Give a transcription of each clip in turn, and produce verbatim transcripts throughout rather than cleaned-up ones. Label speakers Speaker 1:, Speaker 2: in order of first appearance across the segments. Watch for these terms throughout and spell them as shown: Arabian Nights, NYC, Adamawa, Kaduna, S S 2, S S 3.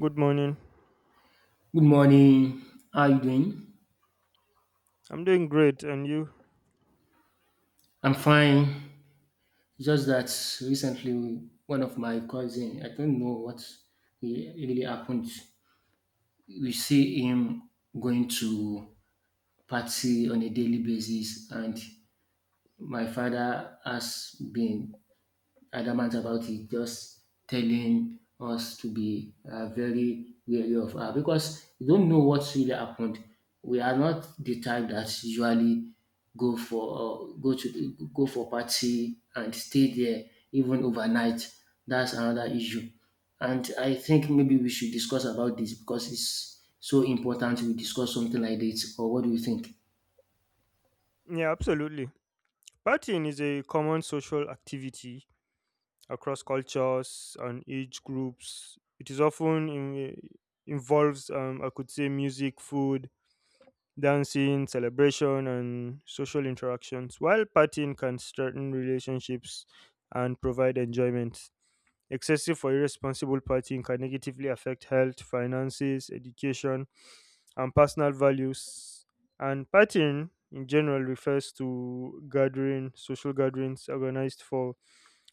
Speaker 1: Good morning.
Speaker 2: Good morning. How are you doing?
Speaker 1: I'm doing great, and you?
Speaker 2: I'm fine. Just that recently, one of my cousin, I don't know what he- really happened. We see him going to party on a daily basis, and my father has been adamant about it, just telling us to be uh, very wary of her because you don't know what's really happened. We are not the type that usually go for uh, go to go for party and stay there even overnight. That's another issue, and I think maybe we should discuss about this because it's so important we discuss something like this. Or what do you think?
Speaker 1: Yeah, absolutely. Partying is a common social activity across cultures and age groups. It is often in, involves, um, I could say, music, food, dancing, celebration, and social interactions. While partying can strengthen relationships and provide enjoyment, excessive or irresponsible partying can negatively affect health, finances, education, and personal values. And partying in general refers to gathering, social gatherings organized for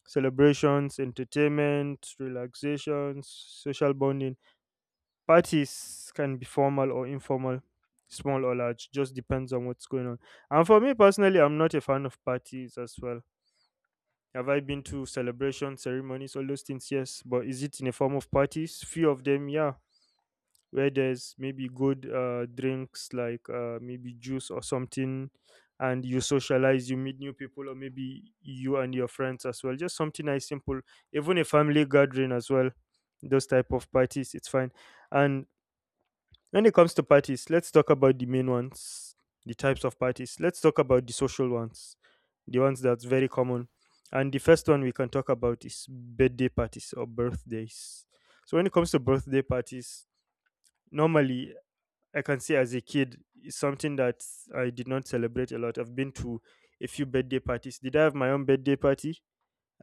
Speaker 1: celebrations, entertainment, relaxations, social bonding. Parties can be formal or informal, small or large, just depends on what's going on. And for me personally, I'm not a fan of parties as well. Have I been to celebrations, ceremonies, all those things? Yes. But is it in a form of parties? Few of them, yeah, where there's maybe good uh, drinks like uh, maybe juice or something, and you socialize, you meet new people, or maybe you and your friends as well, just something nice, simple, even a family gathering as well. Those type of parties, it's fine. And when it comes to parties, let's talk about the main ones, the types of parties. Let's talk about the social ones, the ones that's very common. And the first one we can talk about is birthday parties or birthdays. So when it comes to birthday parties, normally, I can say as a kid is something that I did not celebrate a lot. I've been to a few birthday parties. Did I have my own birthday party?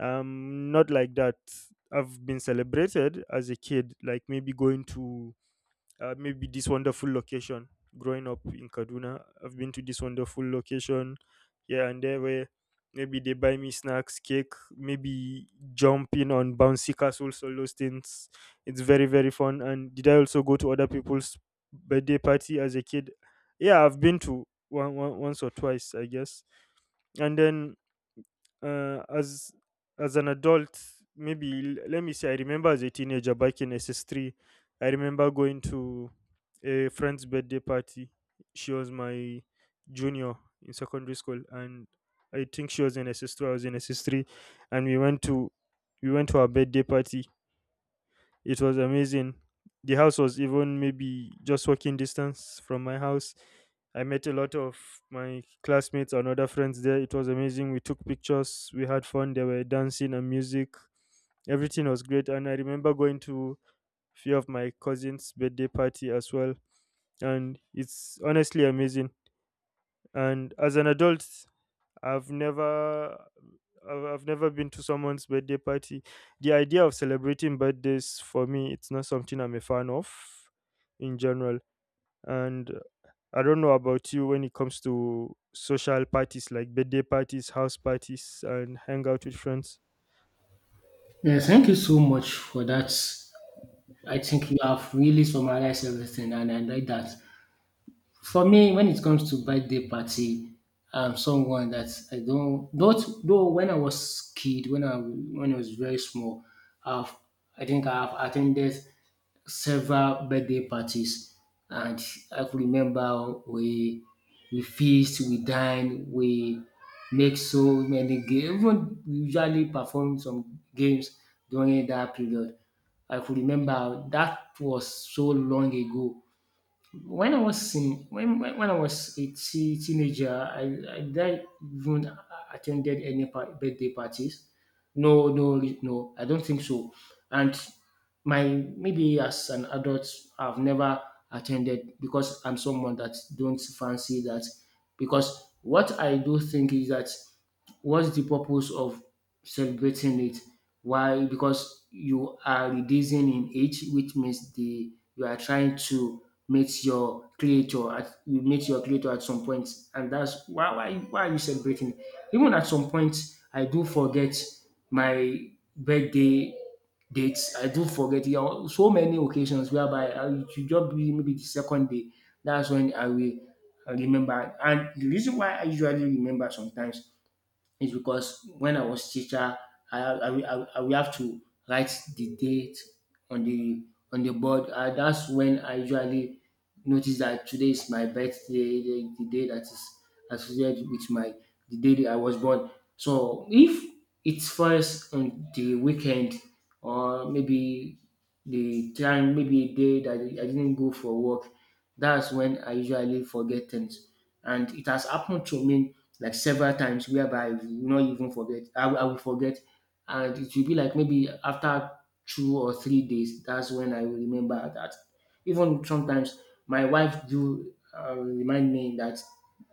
Speaker 1: Um, not like that. I've been celebrated as a kid, like maybe going to uh, maybe this wonderful location. Growing up in Kaduna, I've been to this wonderful location here and there where maybe they buy me snacks, cake, maybe jumping on bouncy castles, all those things. It's very, very fun. And did I also go to other people's birthday party as a kid? Yeah, I've been to one, one once or twice, I guess. And then uh, as as an adult, maybe l- let me say, I remember as a teenager back in S S three. I remember going to a friend's birthday party. She was my junior in secondary school, and I think she was in S S two, I was in S S three, and we went to we went to her birthday party. It was amazing. The house was even maybe just walking distance from my house. I met a lot of my classmates and other friends there. It was amazing. We took pictures, we had fun, there were dancing and music. Everything was great. And I remember going to few of my cousins' birthday party as well. And it's honestly amazing. And as an adult, I've never I've I've never been to someone's birthday party. The idea of celebrating birthdays for me, it's not something I'm a fan of in general. And I don't know about you when it comes to social parties like birthday parties, house parties, and hang out with friends.
Speaker 2: Yeah, thank you so much for that. I think you have really summarized everything, and I like that. For me, when it comes to birthday party, I'm someone that I don't. Not though when I was kid, when I when I was very small, I've I think I've attended several birthday parties, and I could remember we we feast, we dine, we make so many games. Even we usually perform some games during that period. I could remember that was so long ago when I was in when when when I was a te- teenager, I I didn't even attended any par- birthday parties. No, no, no, I don't think so. And my maybe as an adult, I've never attended because I'm someone that don't fancy that. Because what I do think is that what's the purpose of celebrating it? Why? Because you are reducing in age, which means the you are trying to meet your creator at you meet your creator at some point, and that's why why why are you celebrating? Even at some point, I do forget my birthday dates. I do forget it on so many occasions whereby I, it should just be maybe the second day. That's when I will remember. And the reason why I usually remember sometimes is because when I was teacher, I, I, will- I, I will have to write the date on the on the board. Uh, that's when I usually notice that today is my birthday, the, the day that is associated with my the day that I was born. So if it falls on the weekend or maybe the time, maybe a day that I didn't go for work, that's when I usually forget things. And it has happened to me like several times whereby you will not even forget. I, will- I will forget. And it will be like maybe after two or three days, that's when I will remember that. Even sometimes my wife do uh, remind me that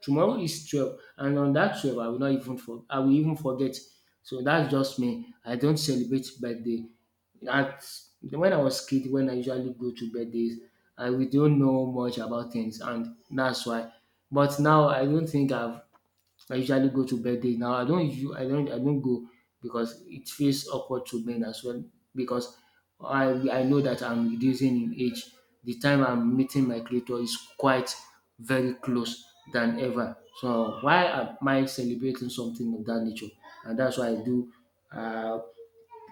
Speaker 2: tomorrow is twelve and on that twelve I will not even for, I will even forget. So that's just me. I don't celebrate birthday. At, when I was kid, when I usually go to birthdays, I we don't know much about things and that's why. But now I don't think I've I usually go to birthday now. I don't usu- I don't I don't go because it feels awkward to men as well because I I know that I'm reducing in age. The time I'm meeting my creator is quite very close than ever. So why am I celebrating something of that nature? And that's why I do. Uh,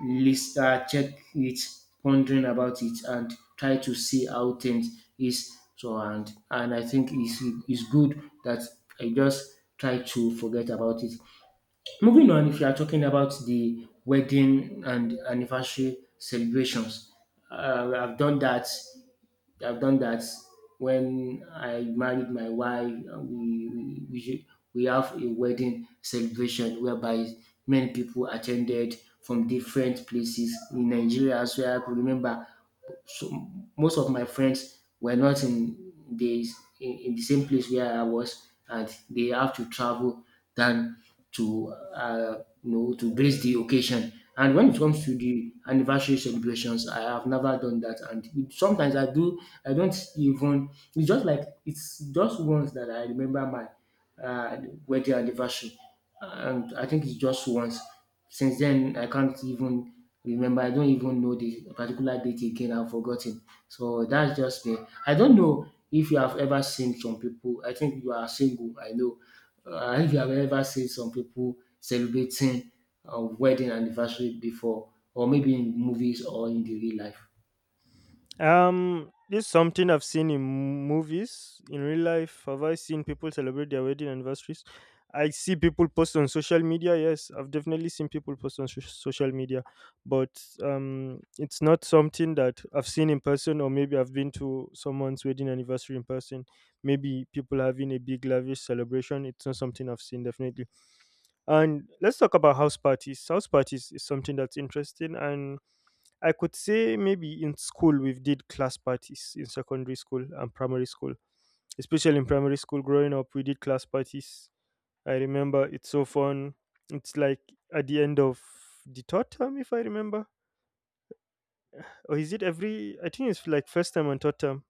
Speaker 2: list uh, Check it pondering about it and try to see how things is so and and I think it's it's good that I just try to forget about it. Moving on, if you are talking about the wedding and anniversary celebrations, uh, i've done that I've done that when I married my wife. Uh, We we we, ju- we have a wedding celebration whereby many people attended from different places in Nigeria as well. I could remember so most of my friends were not in the in, in the same place where I was, and they have to travel than to uh, you know to grace the occasion. And when it comes to the anniversary celebrations, I have never done that. And it- sometimes I do, I don't even. It's just like it's just once that I remember my uh, wedding anniversary, and I think it's just once. Since then, I can't even remember. I don't even know the particular date again. I've forgotten. So that's just me. I don't know if you have ever seen some people. I think you are single. I know. Uh, if you have ever seen some people celebrating a wedding anniversary before, or maybe in movies or in the real life.
Speaker 1: Um, this is something I've seen in movies. In real life, have I seen people celebrate their wedding anniversaries? I see people post on social media. Yes, I've definitely seen people post on so- social media, but um, it's not something that I've seen in person, or maybe I've been to someone's wedding anniversary in person. Maybe people having a big lavish celebration. It's not something I've seen definitely. And let's talk about house parties. House parties is something that's interesting, and I could say maybe in school we did class parties in secondary school and primary school. Especially in primary school growing up, we did class parties. I remember it's so fun. It's like at the end of the third term, if I remember. Or is it every, I think it's like first term and third term.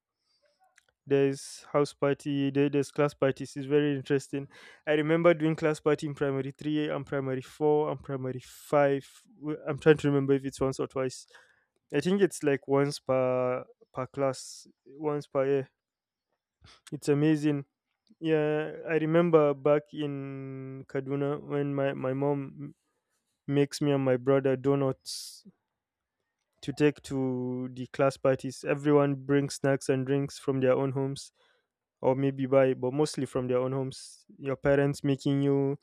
Speaker 1: There's house party, there, there's class parties. It's very interesting. I remember doing class party in primary three and primary four and primary five. W- I'm trying to remember if it's once or twice. I think it's like once per per class, once per year. It's amazing. Yeah, I remember back in Kaduna when my my mom makes me and my brother donuts to take to the class parties. Everyone brings snacks and drinks from their own homes, or maybe buy, but mostly from their own homes. Your parents making you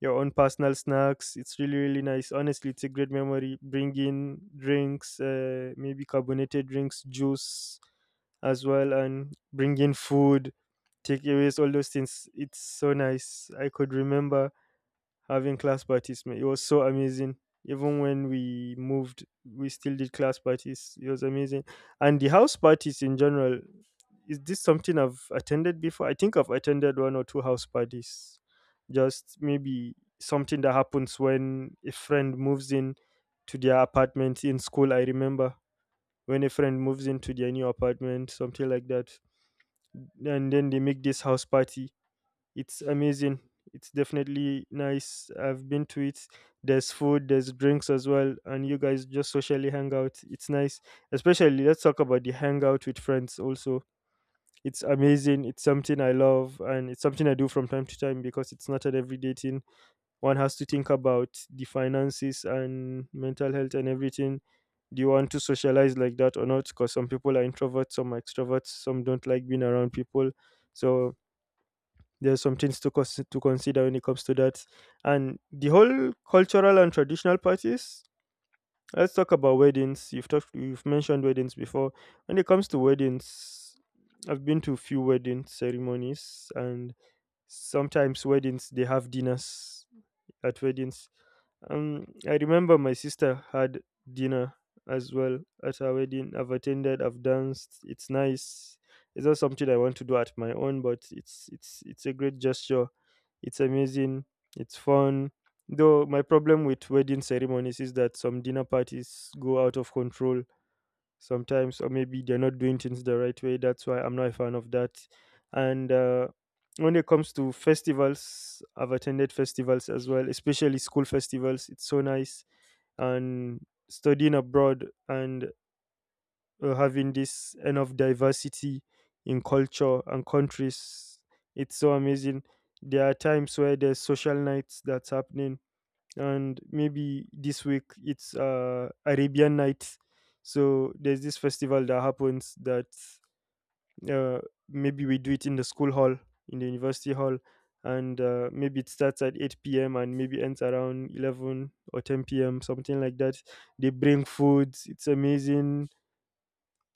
Speaker 1: your own personal snacks. It's really, really nice. Honestly, it's a great memory. Bringing drinks, uh, maybe carbonated drinks, juice as well, and bring in food, takeaways, all those things. It's so nice. I could remember having class parties, man. It was so amazing. Even when we moved, we still did class parties. It was amazing. And the house parties in general, is this something I've attended before? I think I've attended one or two house parties. Just maybe something that happens when a friend moves in to their apartment in school. I remember when a friend moves into their new apartment, something like that, and then they make this house party. It's amazing. It's definitely nice. I've been to it. There's food, there's drinks as well, and you guys just socially hang out. It's nice. Especially let's talk about the hangout with friends also. It's amazing. It's something I love, and it's something I do from time to time because it's not an everyday thing. One has to think about the finances and mental health and everything. Do you want to socialize like that or not? Because some people are introverts, some are extroverts, some don't like being around people. So there's some things to cons- to consider when it comes to that. And the whole cultural and traditional parties. Let's talk about weddings. You've talked, you've mentioned weddings before. When it comes to weddings, I've been to few wedding ceremonies, and sometimes weddings they have dinners at weddings. Um, I remember my sister had dinner as well at her wedding. I've attended, I've danced. It's nice. It's not something I want to do at my own, but it's it's it's a great gesture. It's amazing. It's fun. Though my problem with wedding ceremonies is that some dinner parties go out of control sometimes, or maybe they're not doing things the right way. That's why I'm not a fan of that. And uh, when it comes to festivals, I've attended festivals as well, especially school festivals. It's so nice. And studying abroad and uh, having this enough diversity in culture and countries, it's so amazing. There are times where there's social nights that's happening, and maybe this week it's uh, Arabian Nights. So there's this festival that happens that uh, maybe we do it in the school hall, in the university hall, and uh, maybe it starts at eight p m and maybe ends around eleven or ten p m, something like that. They bring foods. It's amazing.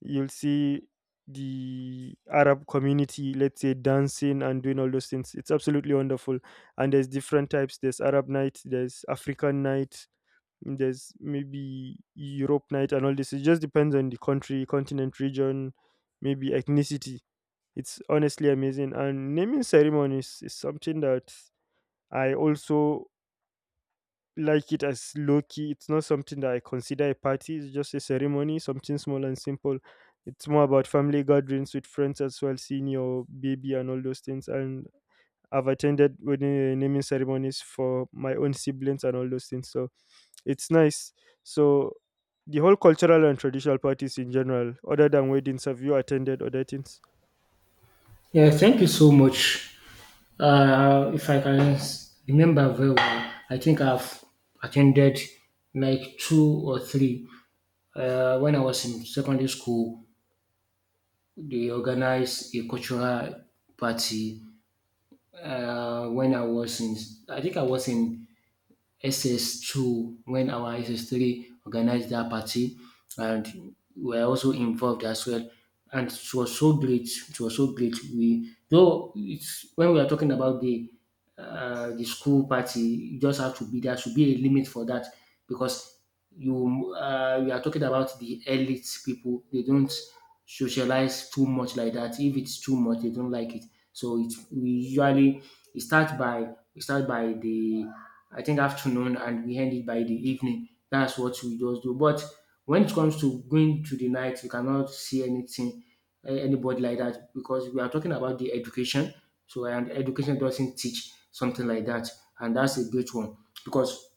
Speaker 1: You'll see the Arab community, let's say, dancing and doing all those things. It's absolutely wonderful. And there's different types. There's Arab night. There's African night, there's maybe Europe night and all this. It just depends on the country, continent, region, maybe ethnicity. It's honestly amazing. And naming ceremonies is something that I also like it as low key. It's not something that I consider a party. It's just a ceremony, something small and simple. It's more about family gatherings with friends as well, seeing your baby and all those things. And I've attended wedding naming ceremonies for my own siblings and all those things. So it's nice. So the whole cultural and traditional parties in general, other than weddings, have you attended other things?
Speaker 2: Yeah, thank you so much. Uh, if I can s- remember very well, I think I've attended like two or three. Uh, when I was in secondary school, they organized a cultural party. Uh, when I was in, I think I was in S S two when our S S three organized that party and we were also involved as well. And it was so great. It was so great. We though it's when we are talking about the uh, the school party, you just have to be there should be a limit for that because you uh, we are talking about the elite people. They don't socialize too much like that. If it's too much, they don't like it. So it we usually it starts by we start by the I think afternoon and we end it by the evening. That's what we just do. But when it comes to going to the night, you cannot see anything, eh, anybody like that because we are talking about the education. So and education doesn't teach something like that, and that's a great one because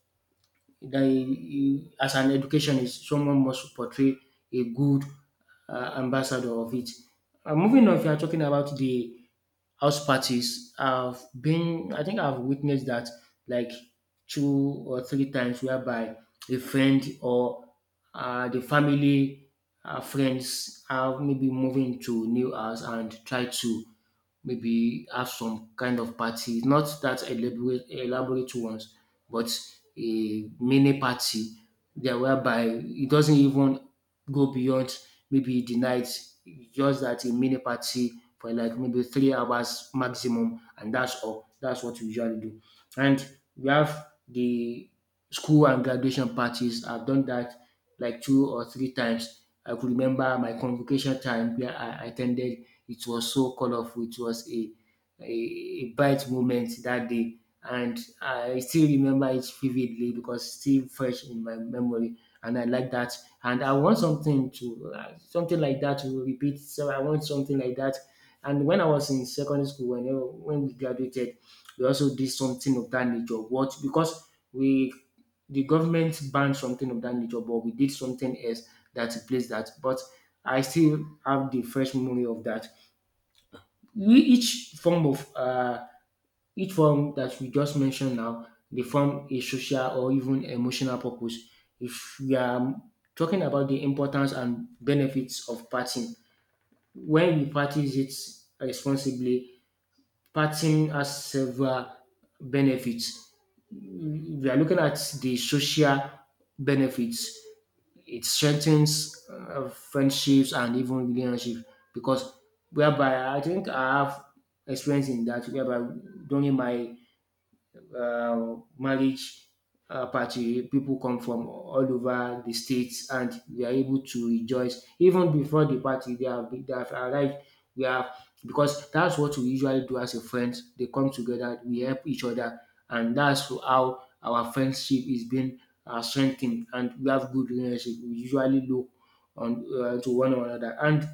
Speaker 2: the, as an educationist, someone must portray a good uh, ambassador of it. Uh, moving on, if you are talking about the house parties, i've been I think I've witnessed that like two or three times whereby a friend or uh, the family uh, friends are maybe moving to new house and try to maybe have some kind of party, not that elaborate, elaborate ones, but a mini party there whereby it doesn't even go beyond maybe the night, just that a mini party for like maybe three hours maximum, and that's all. That's what we usually do. And we have the school and graduation parties. I've done that like two or three times. I could remember my convocation time where I attended it was so colorful. It was a a, a bright moment that day, and I still remember it vividly because it's still fresh in my memory. And I like that. And I want something to uh, something like that to repeat. So I want something like that. And when I was in secondary school, when when we graduated, we also did something of that nature. What Because we the government banned something of that nature, but we did something else that replaced that. But I still have the fresh memory of that. We Each form of uh, each form that we just mentioned now they form a social or even emotional purpose. If we are talking about the importance and benefits of partying when we practice it responsibly, partying has several benefits. We are looking at the social benefits. It strengthens uh, friendships and even relationships because whereby I think I have experience in that whereby during my uh, marriage uh, party. People come from all over the states, and we are able to rejoice even before the party. They have been- they have arrived. We have because that's what we usually do as a friends. They come together, we help each other, and that's how our friendship is being uh, strengthened. And we have good relationship. We usually look on uh, to one another, and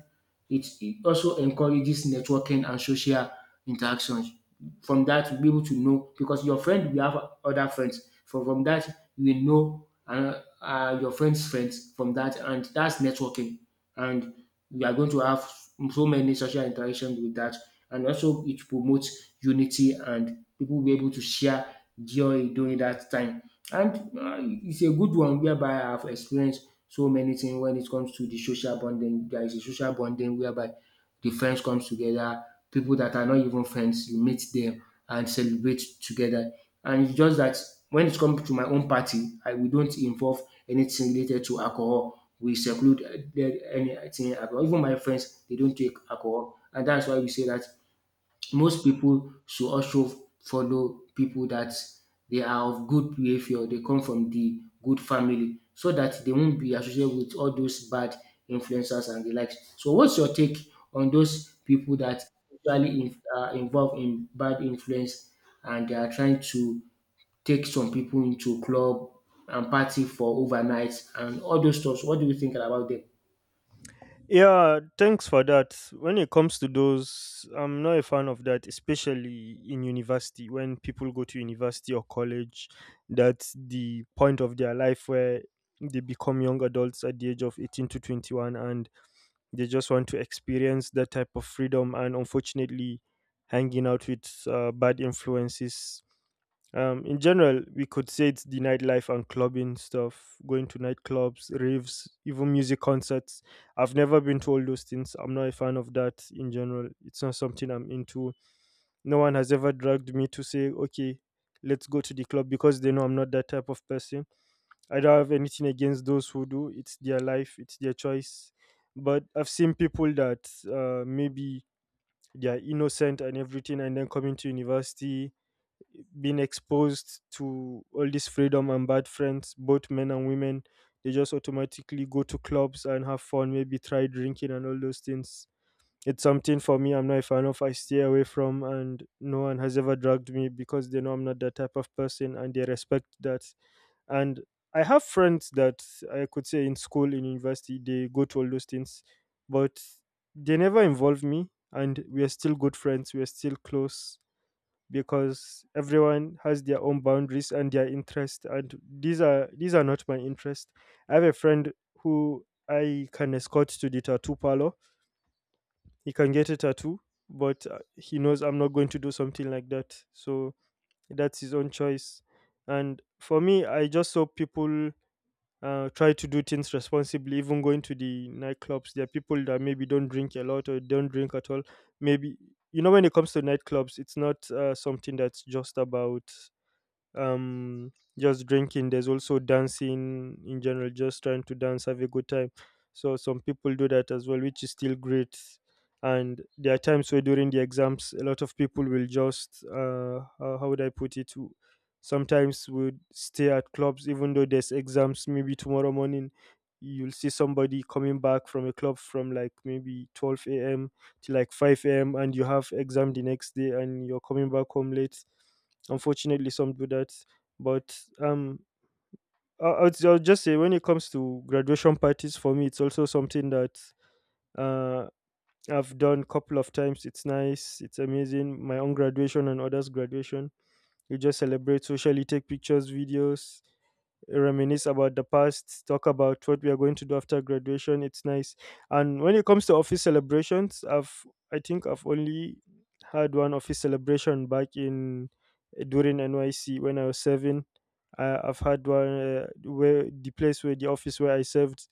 Speaker 2: it, it also encourages networking and social interactions. From that you'll be able to know because your friend will have other friends. From from that you will know uh, uh, your friend's friends from that, and that's networking. And we are going to have so many social interactions with that, and also it promotes unity and people will be able to share joy during that time. And uh, it's a good one whereby I have experienced so many things when it comes to the social bonding. There is a social bonding whereby the friends comes together, people that are not even friends, you meet them and celebrate together. And it's just that when it comes to my own party, I we don't involve anything related to alcohol. We seclude uh, the- anything alcohol. Even my friends, they don't take alcohol, and that's why we say that most people should also follow people that they are of good behaviour, they come from the good family so that they won't be associated with all those bad influencers and the likes. So what's your take on those people that usually in, are involved in bad influence and they are trying to take some people into club and party for overnight and all those stuffs. What do you think about them?
Speaker 1: Yeah, thanks for that. When it comes to those, I'm not a fan of that, especially in university. When people go to university or college, that's the point of their life where they become young adults at the age of eighteen to twenty-one, and they just want to experience that type of freedom, and unfortunately hanging out with uh, bad influences. Um, in general, we could say it's the nightlife and clubbing stuff, going to nightclubs, raves, even music concerts. I've never been to all those things. I'm not a fan of that in general. It's not something I'm into. No one has ever dragged me to say, okay, let's go to the club because they know I'm not that type of person. I don't have anything against those who do. It's their life, it's their choice. But I've seen people that uh, maybe they are innocent and everything, and then coming to university, being exposed to all this freedom and bad friends, both men and women. They just automatically go to clubs and have fun, maybe try drinking and all those things. It's something for me I'm not a fan of. I stay away from, and no one has ever dragged me because they know I'm not that type of person and they respect that, and I have friends that I could say in school, in university, they go to all those things, but they never involve me. And we are still good friends. We are still close because everyone has their own boundaries and their interest. And these are these are not my interest. I have a friend who I can escort to the tattoo parlor. He can get a tattoo, but uh, he knows I'm not going to do something like that. So that's his own choice. And for me, I just saw people uh, try to do things responsibly. Even going to the nightclubs, there are people that maybe don't drink a lot or don't drink at all. Maybe you know when it comes to nightclubs, it's not uh, something that's just about um just drinking. There's also dancing in general, just trying to dance, have a good time. So some people do that as well, which is still great. And there are times where during the exams a lot of people will just uh how, how would I put it, w- sometimes would stay at clubs even though there's exams maybe tomorrow morning. You'll see somebody coming back from a club from like maybe twelve a m to like five a m, and you have exam the next day and you're coming back home late. Unfortunately, some do that, but um, I- I'll, I'll just say, when it comes to graduation parties, for me, it's also something that uh, I've done a couple of times. It's nice, it's amazing. My own graduation and others' graduation. You just celebrate socially, take pictures, videos, reminisce about the past, talk about what we are going to do after graduation. It's nice. And when it comes to office celebrations, I've I think I've only had one office celebration back in eh, during N Y C when I was serving. I, I've had one, uh, where the place where the office where I served,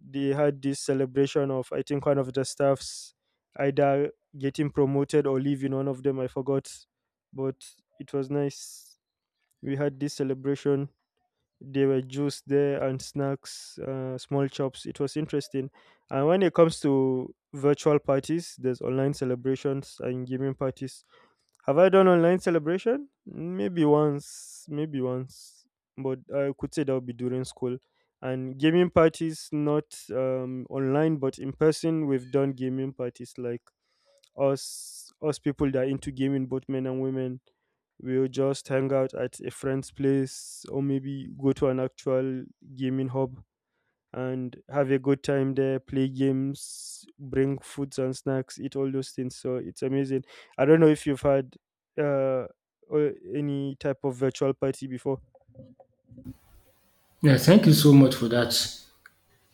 Speaker 1: they had this celebration of, I think, one of the staffs either getting promoted or leaving. One of them I forgot, but it was nice. We had this celebration, there were juice there and snacks, uh, small chops. It was interesting. And when it comes to virtual parties, there's online celebrations and gaming parties. Have I done online celebration? Maybe once, maybe once, but I could say that would be during school. And gaming parties, not um, online, but in person, we've done gaming parties, like us us people that are into gaming, both men and women, we'll just hang out at a friend's place or maybe go to an actual gaming hub and have a good time there, play games, bring foods and snacks, eat all those things. So it's amazing. I don't know if you've had uh, or any type of virtual party before.
Speaker 2: Yeah, thank you so much for that.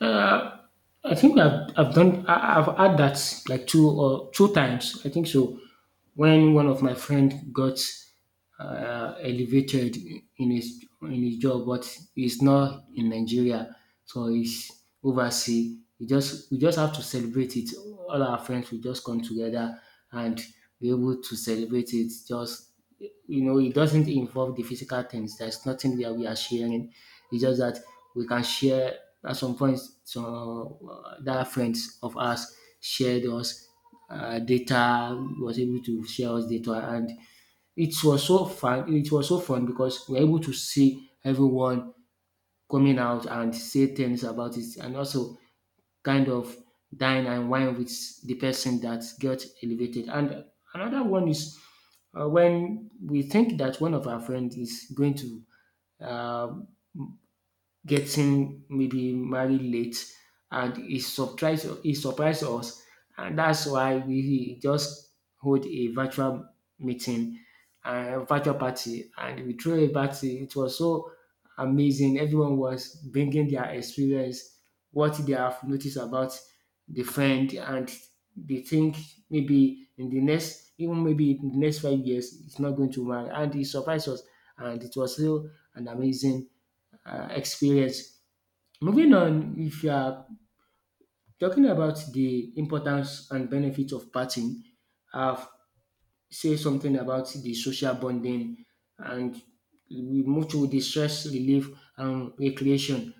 Speaker 2: um I think I've I've done I, I've had that like two or two times. I think so. When one of my friend got uh, elevated in his in his job, but he's not in Nigeria, so he's overseas. We just we just have to celebrate it. All our friends will just come together and be able to celebrate it. Just, you know, it doesn't involve the physical things. There's nothing that we are sharing. It's just that we can share at some point, so uh, that friends of ours shared us uh, data. Was able to share us data, and it was so fun. It was so fun because we are able to see everyone coming out and say things about it, and also kind of dine and wine with the person that got elevated. And another one is uh, when we think that one of our friends is going to uh, getting maybe married late, and it surprised it surprised us, and that's why we just hold a virtual meeting a virtual party, and we threw a party. It was so amazing. Everyone was bringing their experience, what they have noticed about the friend, and they think maybe in the next even maybe in the next five years it's not going to marry, and it surprised us, and it was still an amazing uh, experience. Moving on, if you are talking about the importance and benefits of partying, I've say something about the social bonding, and we move to the stress relief and recreation.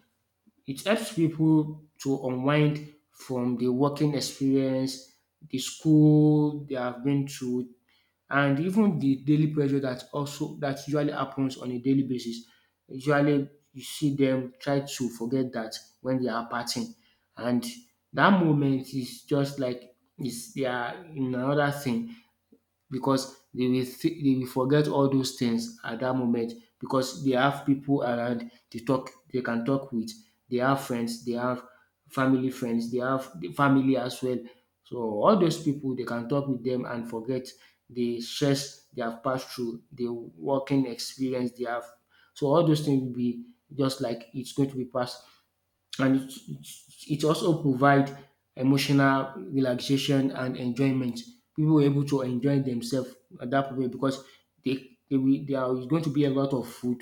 Speaker 2: It helps people to unwind from the working experience, the school they have been through, and even the daily pressure that also that usually happens on a daily basis. Usually, you see them try to forget that when they are parting, and that moment is just like is they are in another thing, because they will th- they will forget all those things at that moment, because they have people around to talk they can talk with. They have friends, they have family friends, they have the family as well. So all those people, they can talk with them and forget the stress they have passed through, the working experience they have. So all those things will be just like it's going to be passed, and it, it it also provide emotional relaxation and enjoyment. People were able to enjoy themselves at that way because they, they will, there is going to be a lot of food,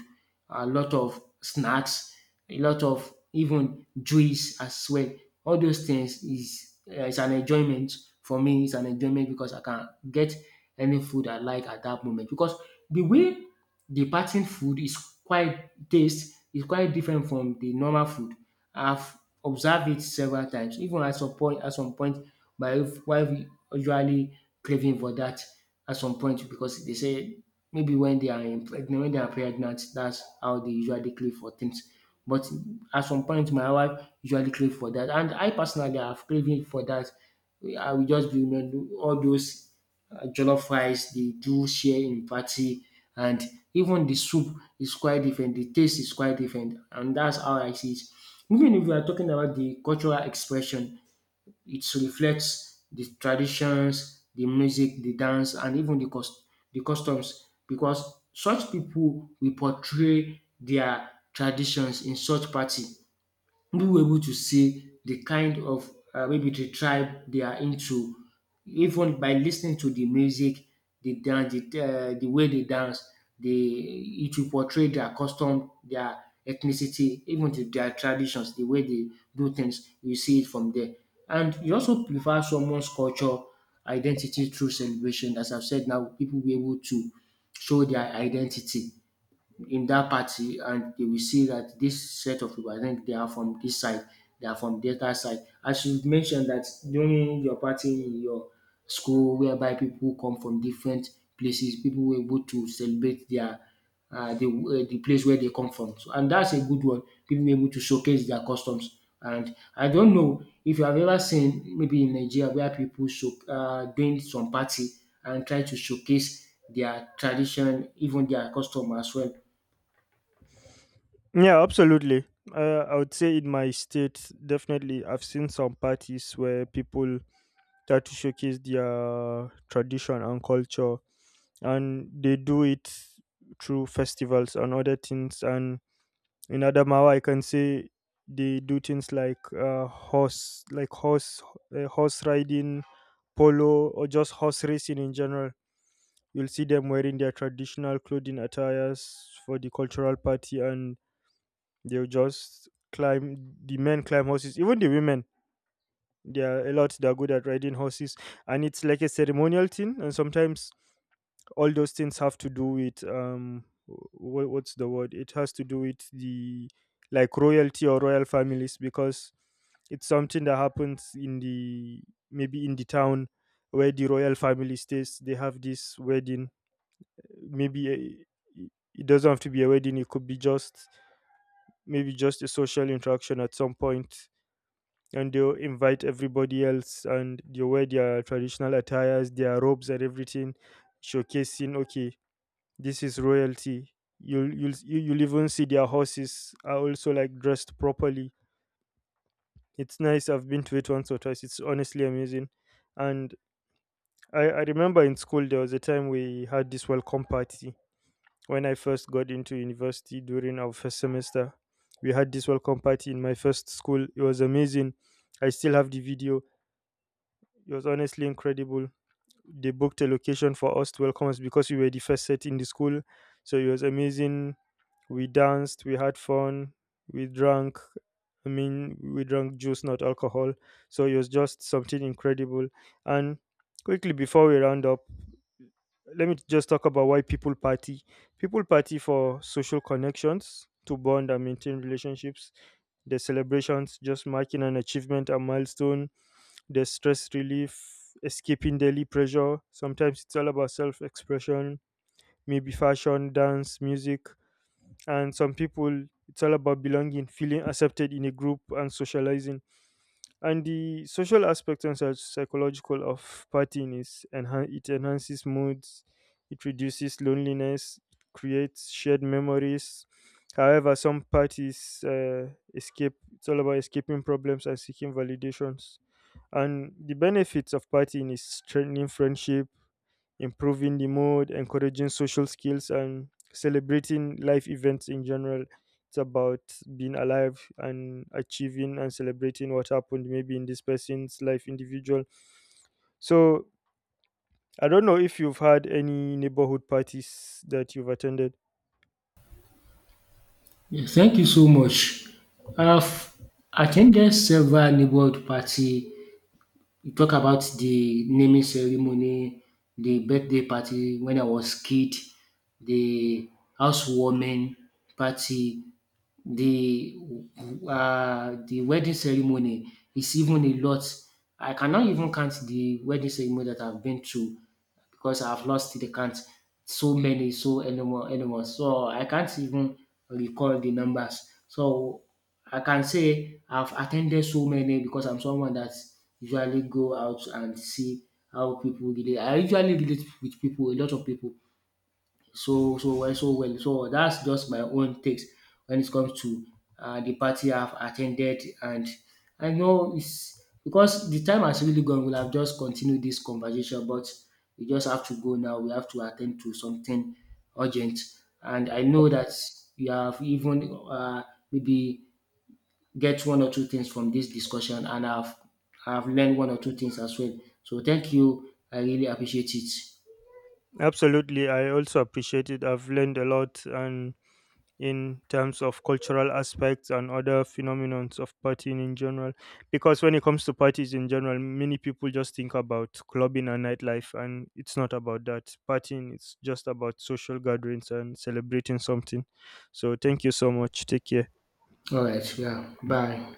Speaker 2: a lot of snacks, a lot of even juice as well. All those things is uh, is an enjoyment for me. It's an enjoyment because I can get any food I like at that moment, because the way the pattern food is quite, taste is quite different from the normal food. I've observed it several times, even at some point at some point my wife usually craving for that at some point, because they say maybe when they are in pregnant when they are pregnant, that's how they usually crave for things. But at some point my wife usually crave for that, and I personally have craving for that. I will just be remembering all those uh, jollof rice, they do share in party, and even the soup is quite different. The taste is quite different, and that's how I see it. Even if we are talking about the cultural expression, it reflects the traditions, the music, the dance, and even the cost, the customs, because such people will portray their traditions in such party. Who able to say the kind of um maybe the tribe they are into. Even by lis ten ing to the music, the dance, the um the way they dance, they it will portray their custom, their ethnicity, even to their traditions, the way they do things, you see it from there. And you also prefer someone's culture identity through celebration. As I've said now, pipu be able to show their identity in that party, and they will see that this set of people, I think they are from this side, they are from the other side. As you mentioned that during your party in your school, whereby people come from different places, people were able to celebrate their uh, the, uh, the place where they come from. So, and that's a good one. People were able to showcase their customs. And I don't know if you have ever seen maybe in Nigeria where people show, uh, doing some party and try to showcase their tradition, even their custom as well.
Speaker 1: Yeah, absolutely. Uh, I would say in my state, definitely, I've seen some parties where people try to showcase their tradition and culture, and they do it through festivals and other things. And in Adamawa, I can say they do things like uh, horse, like horse, uh, horse riding, polo, or just horse racing in general. You'll see them wearing their traditional clothing attires for the cultural party, and they'll just climb. The men climb horses. Even the women, there are a lot that are good at riding horses, and it's like a ceremonial thing. And sometimes all those things have to do with um, wh- what's the word? It has to do with, the like, royalty or royal families, because it's something that happens in the, maybe in the town where the royal family stays. They have this wedding, maybe a, it doesn't have to be a wedding, it could be just maybe just a social interaction at some point, and they'll invite everybody else and they wear their traditional attires, their robes and everything, showcasing, okay, this is royalty. You'll you'll you- you'll even see their horses are also like dressed properly. It's nice, I've been to it once or twice, it's honestly amazing. And i i remember in school there was a time we had this welcome party. When I first got into university during our first semester, we had this welcome party in my first school. It was amazing, I still have the video. It was honestly incredible. They booked a location for us to welcome us because we were the first set in the school. So it was amazing. We danced, we had fun, we drank. I mean, we drank juice, not alcohol. So it was just something incredible. And quickly before we round up, let me just talk about why people party. People party for social connections, to bond and maintain relationships. The celebrations, just marking an achievement, a milestone. There's stress relief, escaping daily pressure. Sometimes it's all about self expression, maybe fashion, dance, music. And some people, it's all about belonging, feeling accepted in a group, and socializing. And the social aspect and psych- psychological of partying is enhan- it enhances moods, it reduces loneliness, it creates shared memories. However, some parties, uh, escape. It's all about escaping problems and seeking validations. And the benefits of partying is strengthening friendship, improving the mood, encouraging social skills, and celebrating life events in general. It's about being alive and achieving and celebrating what happened maybe in this person's life individual. So I don't know if you've had any neighborhood parties that you've attended.
Speaker 2: Yeah, thank you so much. I've attended several neighborhood party. You talk about the naming ceremony, the birthday party when I was kid, the housewarming party, the uh, the wedding ceremony. It's even a lot. I cannot even count the wedding ceremony that I've been to, because I've lost the count. So many, so anymore, anymore. So I can't even recall the numbers. So I can say I've attended so many because I'm someone that usually go out and see how people relate. I usually relate with people, a lot of people, so so well so well. So that's just my own takes when it comes to uh, the party I've attended. And I know it's because the time has really gone. We'll have just continued this conversation, but we just have to go now. We have to attend to something urgent, and I know that you have even uh, maybe get one or two things from this discussion, and I've I've learned one or two things as well. So thank you. I really appreciate it.
Speaker 1: Absolutely. I also appreciate it. I've learned a lot, and in terms of cultural aspects and other phenomenons of partying in general, because when it comes to parties in general, many people just think about clubbing and nightlife, and it's not about that. Partying is just about social gatherings and celebrating something. So thank you so much, take care.
Speaker 2: All right. Yeah. Bye.